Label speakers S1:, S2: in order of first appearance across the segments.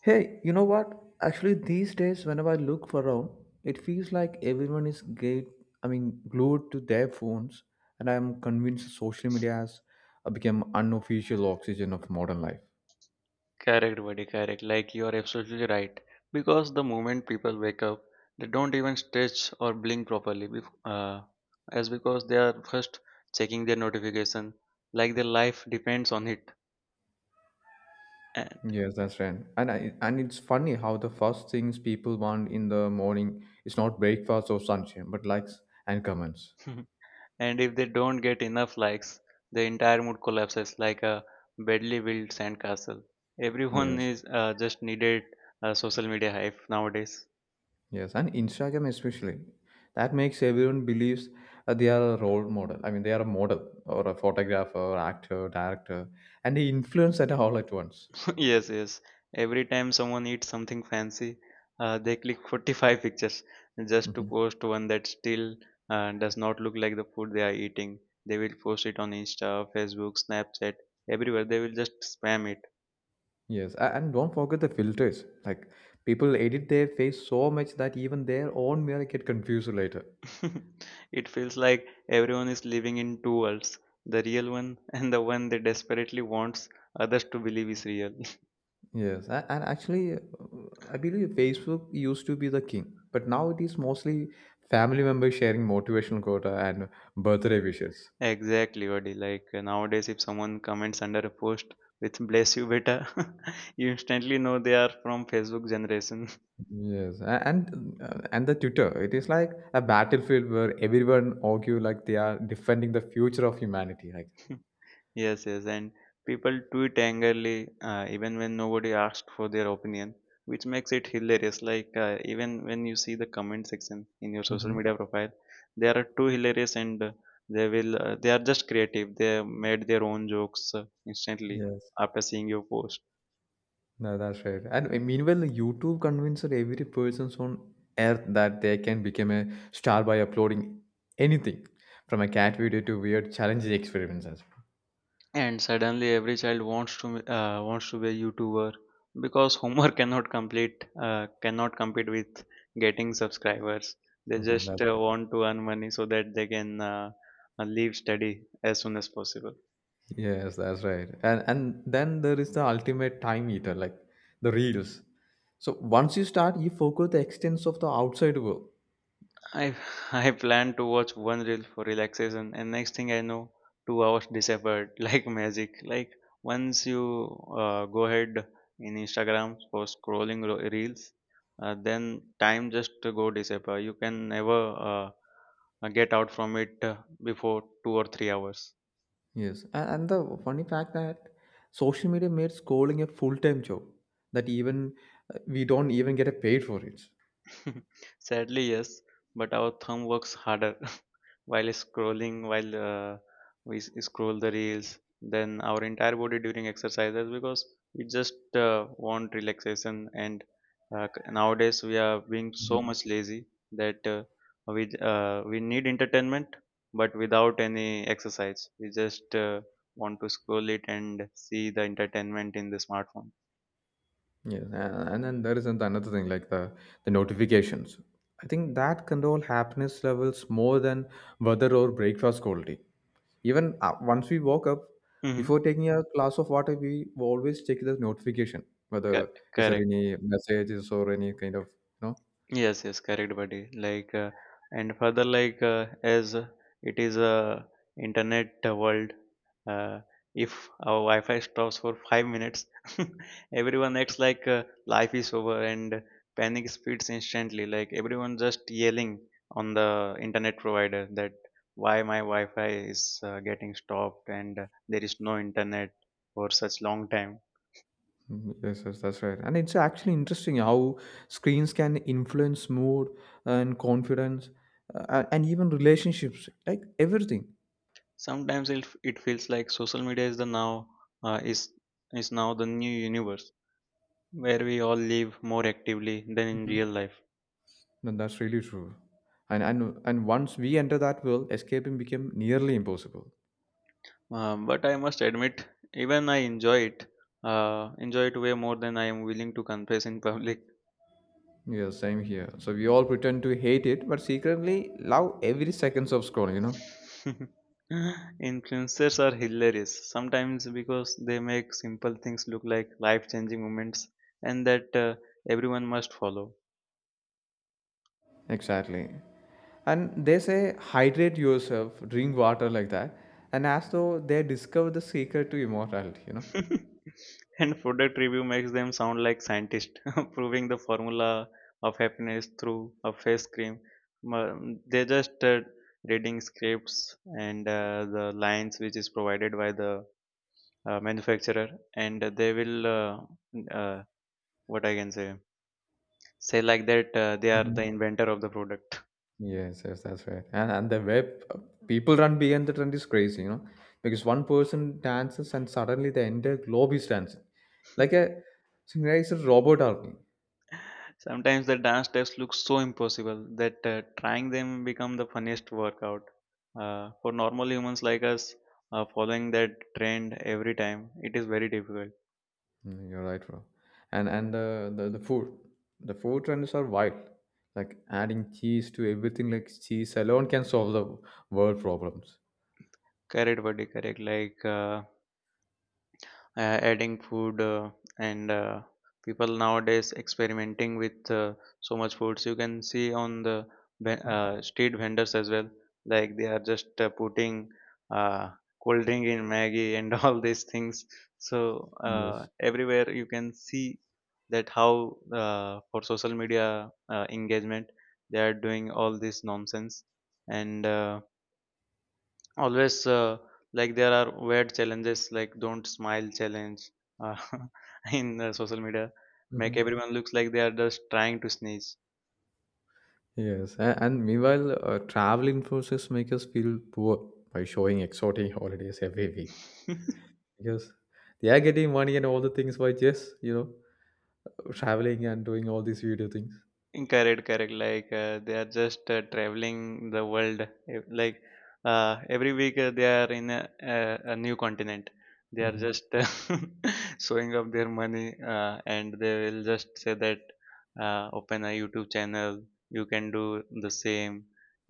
S1: Hey, you know what? Actually, these days, whenever I look around, it feels like everyone is glued to their phones, and I'm convinced social media has become unofficial oxygen of modern life.
S2: Correct, buddy, correct. Like you are absolutely right. Because the moment people wake up, they don't even stretch or blink properly, as because they are first checking their notification, like their life depends on it. And
S1: Yes, that's right. And it's funny how the first things people want in the morning is not breakfast or sunshine, but likes and comments.
S2: and if they don't get enough likes, the entire mood collapses like a badly built sandcastle. Everyone
S1: Yes.
S2: is just needed a social media hype nowadays.
S1: Yes, and Instagram especially. That makes everyone believes they are a role model. I mean, they are a model or a photographer, actor, director, and they influence that all at once.
S2: Yes, yes. Every time someone eats something fancy, they click 45 pictures just to
S1: Hmm.
S2: post one that still does not look like the food they are eating. They will post it on Insta, Facebook, Snapchat, everywhere. They will just spam it.
S1: Yes, and don't forget the filters. Like people edit their face so much that even their own mirror get confused later.
S2: It feels like everyone is living in two worlds, the real one and the one they desperately wants others to believe is real.
S1: Yes, and actually, I believe Facebook used to be the king, but now it is mostly family members sharing motivational quota and birthday wishes.
S2: Exactly, buddy. Like nowadays, if someone comments under a post with "bless you, beta," you instantly know they are from Facebook generation.
S1: Yes, and the tutor, it is like a battlefield where everyone argue like they are defending the future of humanity. Like,
S2: Yes, yes, and people tweet angrily even when nobody asked for their opinion, which makes it hilarious. Like even when you see the comment section in your social
S1: hmm,
S2: media profile, they are too hilarious, and they are just creative. They made their own jokes instantly
S1: yes,
S2: after seeing your post.
S1: no, that's right. And meanwhile, YouTube convinced every person on earth that they can become a star by uploading anything, from a cat video to weird challenging experiments as
S2: And suddenly every child wants to wants to be a youtuber because homework cannot compete with getting subscribers. They
S1: well. Mhm.
S2: just
S1: That's
S2: want to earn money so that they can leave study as soon as possible.
S1: Yes, that's right. And then there is the ultimate time eater, like the reels. So once you start, you forget the extents of the outside world.
S2: I I planned to watch one reel for relaxation, and next thing I know, 2 hours disappeared like magic. Like once you go ahead in Instagram for scrolling reels, then time just go disappear. You can never uh, get out from it before 2 or 3 hours.
S1: Yes, and the funny fact that social media made scrolling a full-time job that even we don't even get a paid for it.
S2: Sadly, yes, but our thumb works harder while scrolling, while we scroll the reels, then our entire body during exercises because we just want relaxation. And nowadays, we are being so
S1: Mhm.
S2: much lazy that we need entertainment, but without any exercise. We just want to scroll it and see the entertainment in the smartphone.
S1: Yes, and then there is another thing like the notifications. I think that control happiness levels more than weather or breakfast quality. Even once we woke up,
S2: Mm-hmm.
S1: before taking a glass of water, we always check the notification whether is there
S2: Correct.
S1: any messages or any kind of you know
S2: Yes, yes, correct, buddy. Like, and further, like, as it is a internet world, uh, if our Wi-Fi stops for 5 minutes, everyone acts like life is over, and panic spreads instantly. Like everyone just yelling on the internet provider that why my Wi-Fi is getting stopped, and there is no internet for such long time.
S1: Mm, yes, yes, that's right. And it's actually interesting how screens can influence mood and confidence and even relationships, like everything.
S2: Sometimes it feels like social media is the now uh, is is now the new universe where we all live more actively than in
S1: Mhm.
S2: real life.
S1: No, that's really true. And once we enter that world, escaping became nearly impossible.
S2: But I must admit, even I enjoy it. Enjoy it way more than I am willing to confess in public.
S1: Yeah, same here. So we all pretend to hate it, but secretly love every seconds of scrolling, you know?
S2: Influencers are hilarious sometimes because they make simple things look like life-changing moments, and that everyone must follow.
S1: Exactly. And they say hydrate yourself, drink water like that. And as though they discovered the secret to immortality, you know?
S2: And product review makes them sound like scientists proving the formula of happiness through a face cream. Ma- They just reading scripts, and the lines which is provided by the manufacturer, and they will what I can say like that they are the inventor of the product.
S1: Yes, yes, that's right. And the web people run behind the trend is crazy, you know, because one person dances and suddenly the entire globe is dancing, like a synchronizer robot army.
S2: Sometimes the dance steps look so impossible that trying them become the funniest workout. For normal humans like us, following that trend every time, it is very difficult.
S1: Mm, you're right, bro. And the food trends are wild. Like adding cheese to everything, like cheese alone can solve the world problems.
S2: Correct, buddy, correct. Like adding food, and people nowadays experimenting with so much foods. You can see on the street vendors as well, like they are just putting uh, cold drink in maggie and all these things, so
S1: Yes.
S2: everywhere you can see that how for social media engagement they are doing all this nonsense. And Always, like there are weird challenges like don't smile challenge uh, in social media. Make
S1: Hmm.
S2: everyone looks like they are just trying to sneeze.
S1: Yes, and meanwhile, travel influencers make us feel poor by showing exotic holidays every week. Yes. They are getting money and all the things by just, traveling and doing all these video things.
S2: Correct, correct. Like they are just traveling the world. Like every week they are in a new continent. They are
S1: Hmm.
S2: just showing up their money, and they will just say that open a YouTube channel. You can do the same,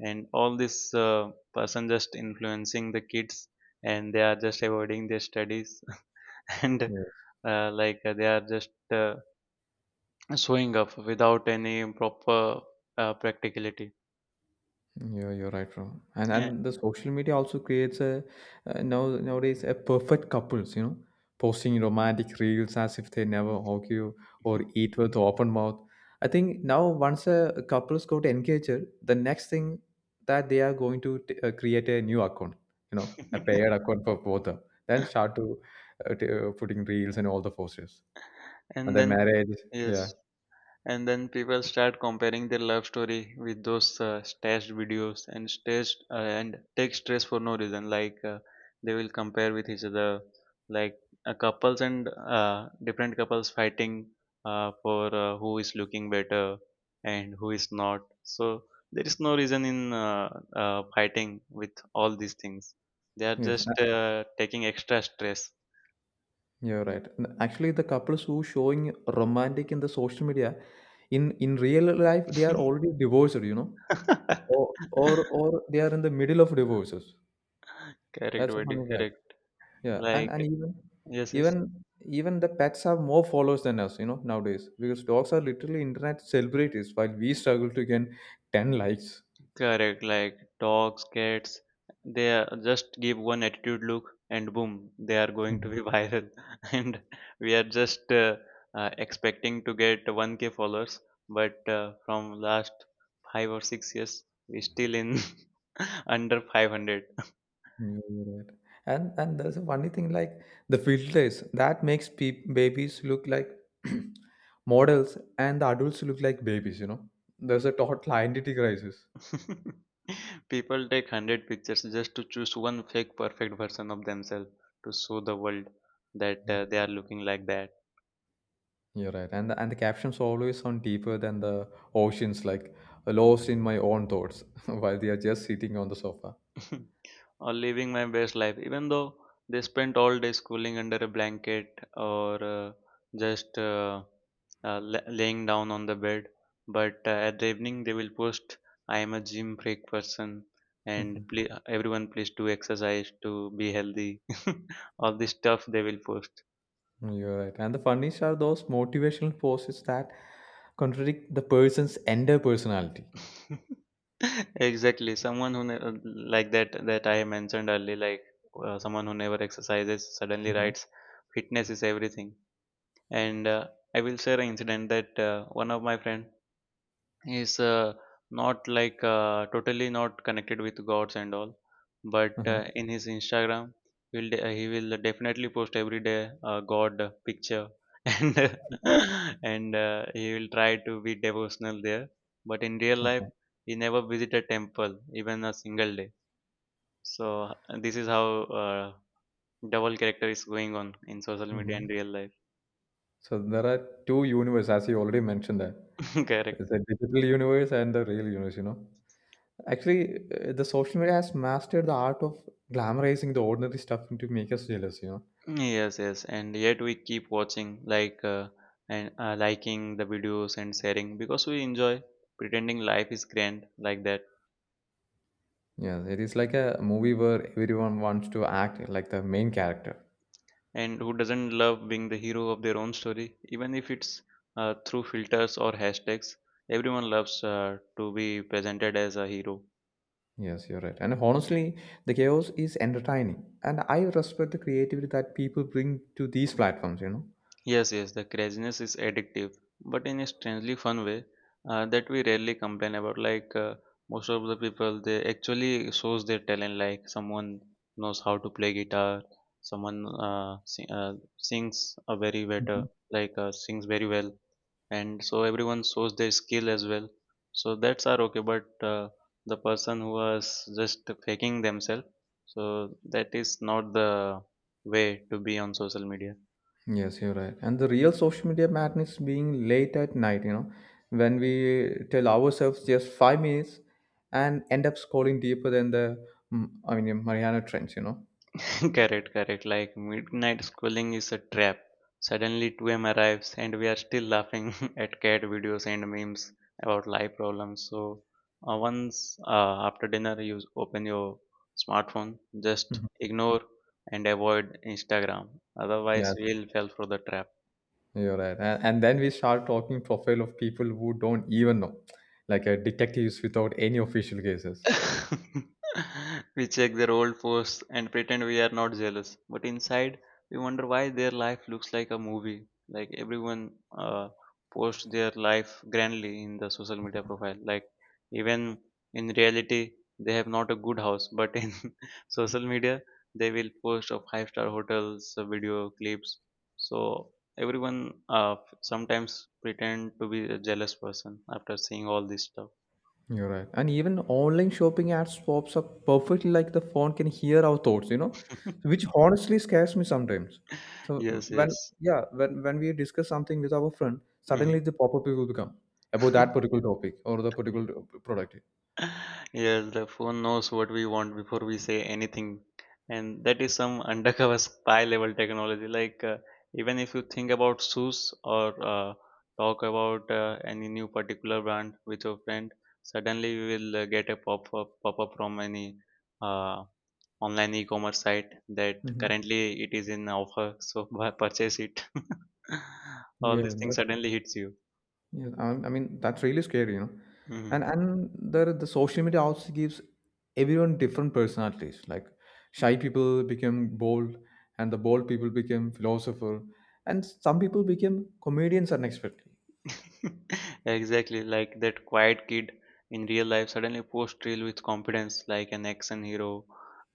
S2: and all this person just influencing the kids, and they are just avoiding their studies, and
S1: Yes.
S2: they are just showing up without any proper practicality.
S1: Yeah, you're right, bro. And
S2: Yeah.
S1: and the social media also creates a now nowadays a perfect couples, you know, posting romantic reels as if they never argue or eat with open mouth. I think now once a couples got engaged, the next thing that they are going to create a new account, you know, a paired account for both of them, then start to putting reels and all the posters. And
S2: and
S1: then
S2: then
S1: marriage.
S2: yes,
S1: Yeah.
S2: and then people start comparing their love story with those staged videos and staged and take stress for no reason, like they will compare with each other, like couples, and different couples fighting for who is looking better and who is not. So there is no reason in fighting with all these things. They are
S1: Yes.
S2: just taking extra stress.
S1: You're right. And actually, the couples who showing romantic in the social media, in real life, they are already divorced. You know, or they are in the middle of divorces.
S2: Correct,
S1: That's a
S2: Vaidik,
S1: funny fact.
S2: correct.
S1: Yeah. And
S2: Like,
S1: and
S2: yes, yes.
S1: even even the pets have more followers than us. You know, nowadays because dogs are literally internet celebrities, while we struggle to gain ten likes.
S2: Correct, like dogs, cats, they are just give one attitude look and boom, they are going to be viral. And we are just expecting to get 1K followers, but from last 5 or 6 years, we still in under 500.
S1: Yeah, you're right. And there's a funny thing like the filters that makes babies look like models and the adults look like babies, you know. There's a total identity crisis.
S2: People take 100 pictures just to choose one fake perfect version of themselves to show the world that
S1: Mm.
S2: they are looking like that.
S1: You're right. And the captions always sound deeper than the oceans, like lost in my own thoughts while they are just sitting on the sofa.
S2: Or living my best life, even though they spent all day schooling under a blanket or just uh, laying down on the bed. But at the evening, they will post, "I am a gym freak person, and please, everyone, please do exercise to be healthy." All this stuff they will post.
S1: Mhm. You're right. And the funniest are those motivational posts that contradict the person's entire personality.
S2: Exactly, someone who like that I mentioned earlier, like someone who never exercises, suddenly
S1: Mm-hmm.
S2: writes, "Fitness is everything." And I will share an incident that one of my friend is not like totally not connected with gods and all, but in his Instagram, he will definitely post every day a god picture and and he will try to be devotional there, but in real life, he never visited temple even a single day. So this is how uh, double character is going on in social media
S1: Uh-huh.
S2: and real life.
S1: So there are two universe, as you already mentioned that.
S2: Correct.
S1: There's a digital universe and the real universe, you know. Actually, the social media has mastered the art of glamorizing the ordinary stuff to make us jealous, you know.
S2: Yes, yes, and yet we keep watching, like, and liking the videos and sharing because we enjoy pretending life is grand like that.
S1: Yes, it is like a movie where everyone wants to act like the main character.
S2: And who doesn't love being the hero of their own story, even if it's through filters or hashtags? Everyone loves to be presented as a hero.
S1: Yes, you're right. And honestly, the chaos is entertaining. And I respect the creativity that people bring to these platforms, you
S2: Yes, yes, the craziness is addictive, but in a strangely fun way that we rarely complain about. Like most of the people, they actually shows their talent. Like someone knows how to play guitar, someone sings a very better,
S1: know.
S2: like sings very well, and so everyone shows their skill as well. So that's are okay, but the person who was just faking themselves, so that is not the way to be on social media.
S1: Yes, you're right. And the real social media madness being late at night, you know, when we tell ourselves just 5 minutes and end up scrolling deeper than the, I mean, Mariana Trench, you know.
S2: Correct, correct. Like midnight schooling is a trap. Suddenly 2 a.m. arrives and we are still laughing at cat videos and memes about life problems. So once after dinner, you open your smartphone, just
S1: Mhm.
S2: ignore and avoid Instagram. Otherwise,
S1: Yes,
S2: we'll fall for the trap.
S1: you're right. And then we start talking profile of people who don't even know, like detectives without any official cases.
S2: We check their old posts and pretend we are not jealous, but inside, we wonder why their life looks like a movie. Like everyone uh, posts their life grandly in the social media profile. Like even in reality, they have not a good house, but in social media, they will post of five-star hotels, video clips. So everyone sometimes pretend to be a jealous person after seeing all this stuff.
S1: You're right. And even online shopping ads pops up perfectly like the phone can hear our thoughts, you know, which honestly scares me sometimes. So
S2: yes,
S1: when
S2: yes.
S1: yeah, when we discuss something with our friend,
S2: Mm-hmm.
S1: suddenly the pop-up will become about that particular topic or the particular product.
S2: Yes, the phone knows what we want before we say anything, and that is some undercover spy level technology. Like, even if you think about shoes or uh, talk about any new particular brand with your friend, suddenly you will get a pop up from any uh, online e-commerce site that
S1: Hmm.
S2: currently it is in offer, so purchase it. All
S1: Yeah,
S2: these things suddenly hits you.
S1: yeah, I mean that's really scary, you know.
S2: Mm-hmm.
S1: And the social media also gives everyone different personalities. Like shy people become bold, and the bold people become philosopher, and some people become comedians unexpectedly.
S2: Exactly, like that quiet kid in real life suddenly post reel with confidence, like an action hero.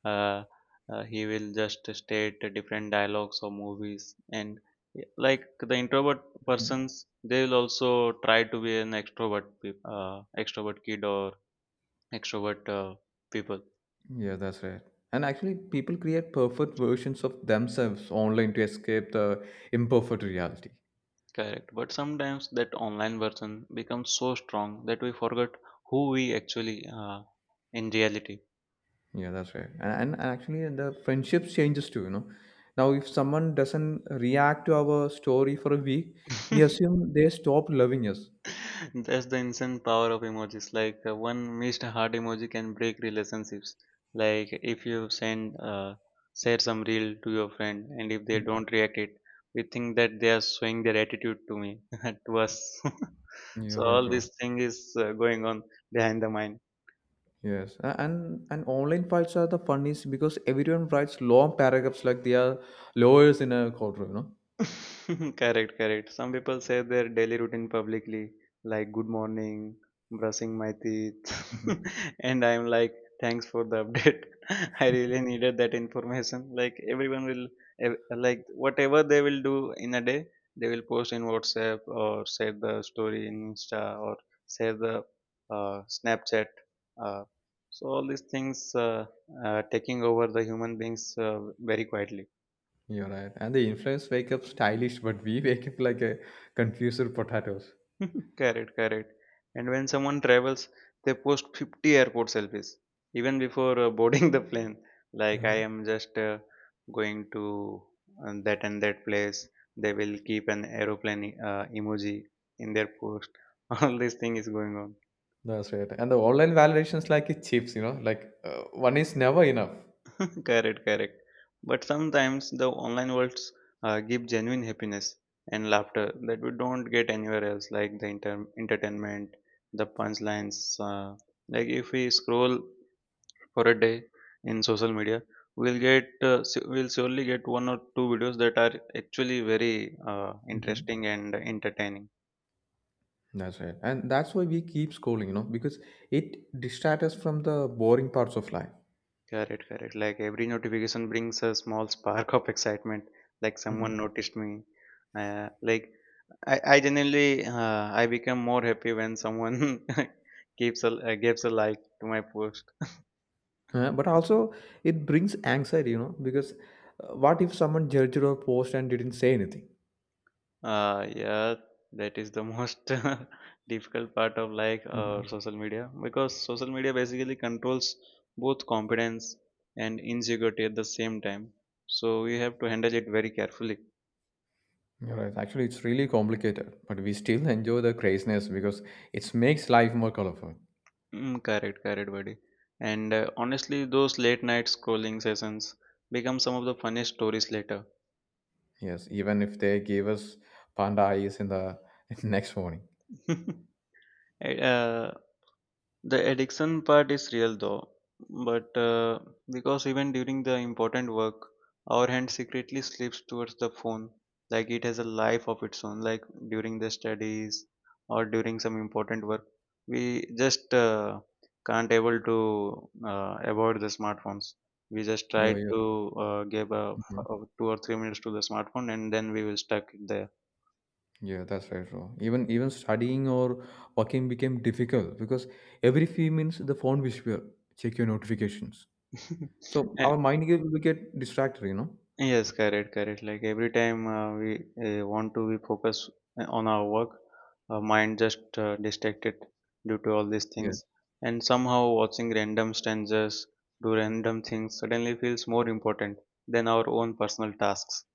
S2: Uh, he will just state different dialogues or movies, and like the introvert
S1: Mhm.
S2: persons, they will also try to be an extrovert, extrovert kid or extrovert people.
S1: Yeah, that's right. And actually, people create perfect versions of themselves online to escape the imperfect reality.
S2: Correct, but sometimes that online version becomes so strong that we forget who we actually in reality.
S1: Yeah, that's right. And actually, the friendships changes too. You know, now if someone doesn't react to our story for a week, we assume they stopped loving us.
S2: That's the insane power of emojis. Like one missed heart emoji can break relationships. Like if you send share some reel to your friend, and if they
S1: Mm.
S2: don't react it, we think that they are showing their attitude to me, to us.
S1: You're
S2: So
S1: right,
S2: all
S1: bro.
S2: this thing is going on behind the mind.
S1: Yes, and online fights are the funniest because everyone writes long paragraphs like they are lawyers in a courtroom. You know.
S2: Correct, correct. Some people say their daily routine publicly, like good morning, brushing my teeth,
S1: Hmm.
S2: and I'm like, thanks for the update. I really needed that information. Like ev- like whatever they will do in a day, they will post in WhatsApp or share the story in Insta or share the Snapchat. Uh, so all these things taking over the human beings very quietly.
S1: You're right. And the influence wake up stylish, but we wake up like a confused potatoes.
S2: Correct, correct. And when someone travels, they post 50 airport selfies even before boarding the plane. Like, I am just going to that and that place. They will keep an aeroplane emoji in their post. All this thing is going on.
S1: That's right. And the online validations like a chips. You know, like one is never enough.
S2: Correct, correct. But sometimes the online worlds give genuine happiness and laughter that we don't get anywhere else, like the entertainment, the punchlines. Like if we scroll for a day in social media we'll get we'll surely get one or two videos that are actually very
S1: Mhm.
S2: interesting and entertaining.
S1: That's right. And that's why we keep scrolling, you know, because it distracts us from the boring parts of life.
S2: Correct, correct. Like every notification brings a small spark of excitement, like someone
S1: Mhm.
S2: noticed me, like I genuinely, I become more happy when someone keeps a gives a like to my post.
S1: But also, it brings anxiety, you know, because what if someone judged our post and didn't say anything?
S2: Yeah, that is the most difficult part of like
S1: Mhm.
S2: social media, because social media basically controls both confidence and insecurity at the same time. So we have to handle it very carefully.
S1: You're right. Actually, it's really complicated, but we still enjoy the craziness because it makes life more colorful.
S2: Mm, correct, correct, buddy. And honestly, those late night scrolling sessions become some of the funniest stories later.
S1: Yes, even if they gave us panda eyes in the next morning.
S2: Uh, The addiction part is real though, but because even during the important work, our hand secretly slips towards the phone, like it has a life of its own. Like during the studies or during some important work, we just can't able to avoid the smartphones. We just try
S1: Yo, yo.
S2: to give a 2 or 3 minutes to the smartphone, and then we will stuck it there.
S1: Yeah, that's right, bro. Even studying or working became difficult because every few minutes the phone whisper, check your notifications. So
S2: A-
S1: our mind we get distracted, you know.
S2: Yes, correct, correct. Like every time we want to be focus on our work, our mind just distracted due to all these
S1: Yes,
S2: things, and somehow watching random strangers do random things suddenly feels more important than our own personal tasks.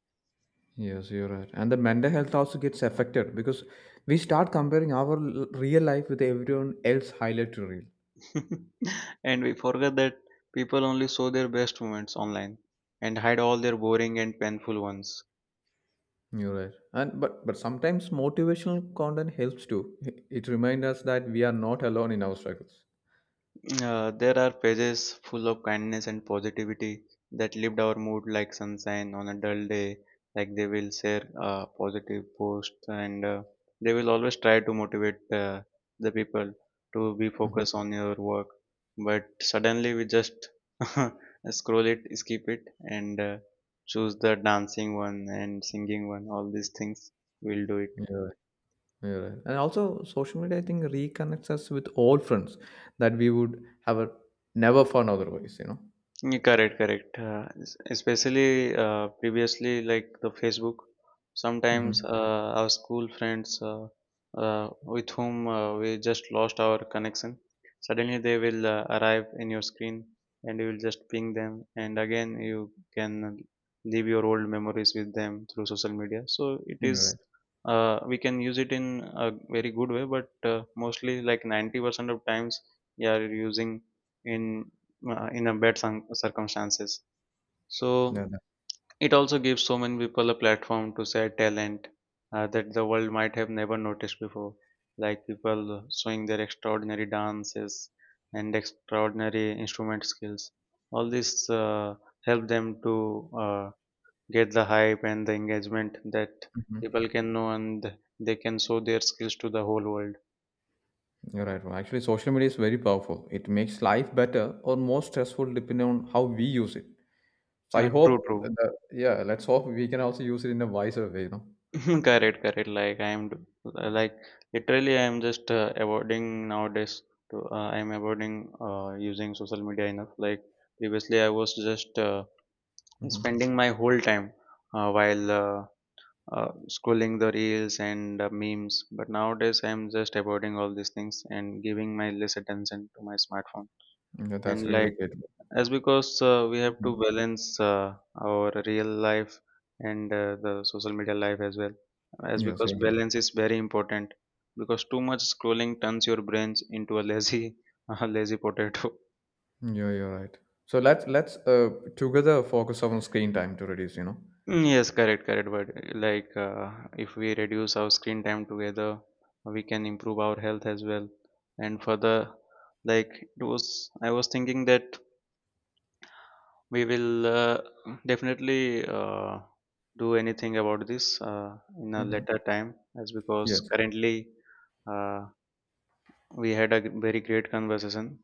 S1: yes, you're right. And the mental health also gets affected because we start comparing our real life with everyone else highlight reel.
S2: And we forget that people only show their best moments online and hide all their boring and painful ones.
S1: You're right. And but sometimes motivational content helps too. It reminds us that we are not alone in our struggles.
S2: There are pages full of kindness and positivity that lift our mood like sunshine on a dull day. Like they will share positive posts, and they will always try to motivate the people to be
S1: Mhm.
S2: focused on your work. But suddenly we just scroll it, skip it, and choose the dancing one and singing one. All these things we'll do it.
S1: Yeah. Yeah, right. And also, social media, I think, reconnects us with old friends that we would have never found otherwise, you know?
S2: Yeah, correct, correct. Especially previously, like the Facebook, sometimes
S1: Mm-hmm.
S2: our school friends with whom we just lost our connection, suddenly they will arrive in your screen, and you will just ping them, and again you can leave your old memories with them through social media. So it is,
S1: You're right.
S2: we can use it in a very good way, but mostly like 90% of times, we are using in in a bad circumstances.
S1: Yeah.
S2: So it also gives so many people a platform to share talent that the world might have never noticed before, like people showing their extraordinary dances and extraordinary instrument skills. All this help them to uh, get the hype and the engagement that
S1: Hmm.
S2: people can know, and they can show their skills to the whole world.
S1: You're right. Well, actually, social media is very powerful. It makes life better or more stressful depending on how we use it. So
S2: True, true.
S1: yeah, let's hope we can also use it in a wiser way, you know?
S2: Correct, correct. Like like literally, I am just avoiding nowadays. To I am avoiding using social media enough. Like previously, I was just
S1: Hmm.
S2: spending my whole time while scrolling the reels and memes. But nowadays, I am just avoiding all these things and giving my less attention to my smartphone.
S1: Yeah, that's
S2: And
S1: really
S2: like
S1: great.
S2: as because we have to
S1: Mhm.
S2: balance our real life and the social media life as well, as
S1: Yes,
S2: because
S1: you're right.
S2: balance is very important, because too much scrolling turns your brains into a lazy a lazy potato.
S1: Yeah, you're right. So let's together focus on screen time to reduce, you know?
S2: Mm, yes, correct, correct, but like if we reduce our screen time together we can improve our health as well, and further, like it was I was thinking that we will definitely do anything about this in a
S1: Mm-hmm.
S2: later time, as because
S1: Yes.
S2: currently, uh, we had a very great conversation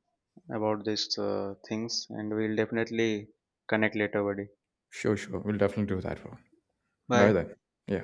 S2: about these things, and we'll definitely connect later, buddy.
S1: Sure, sure. We'll definitely do that, bro. Bye
S2: Bye.
S1: then. Yeah.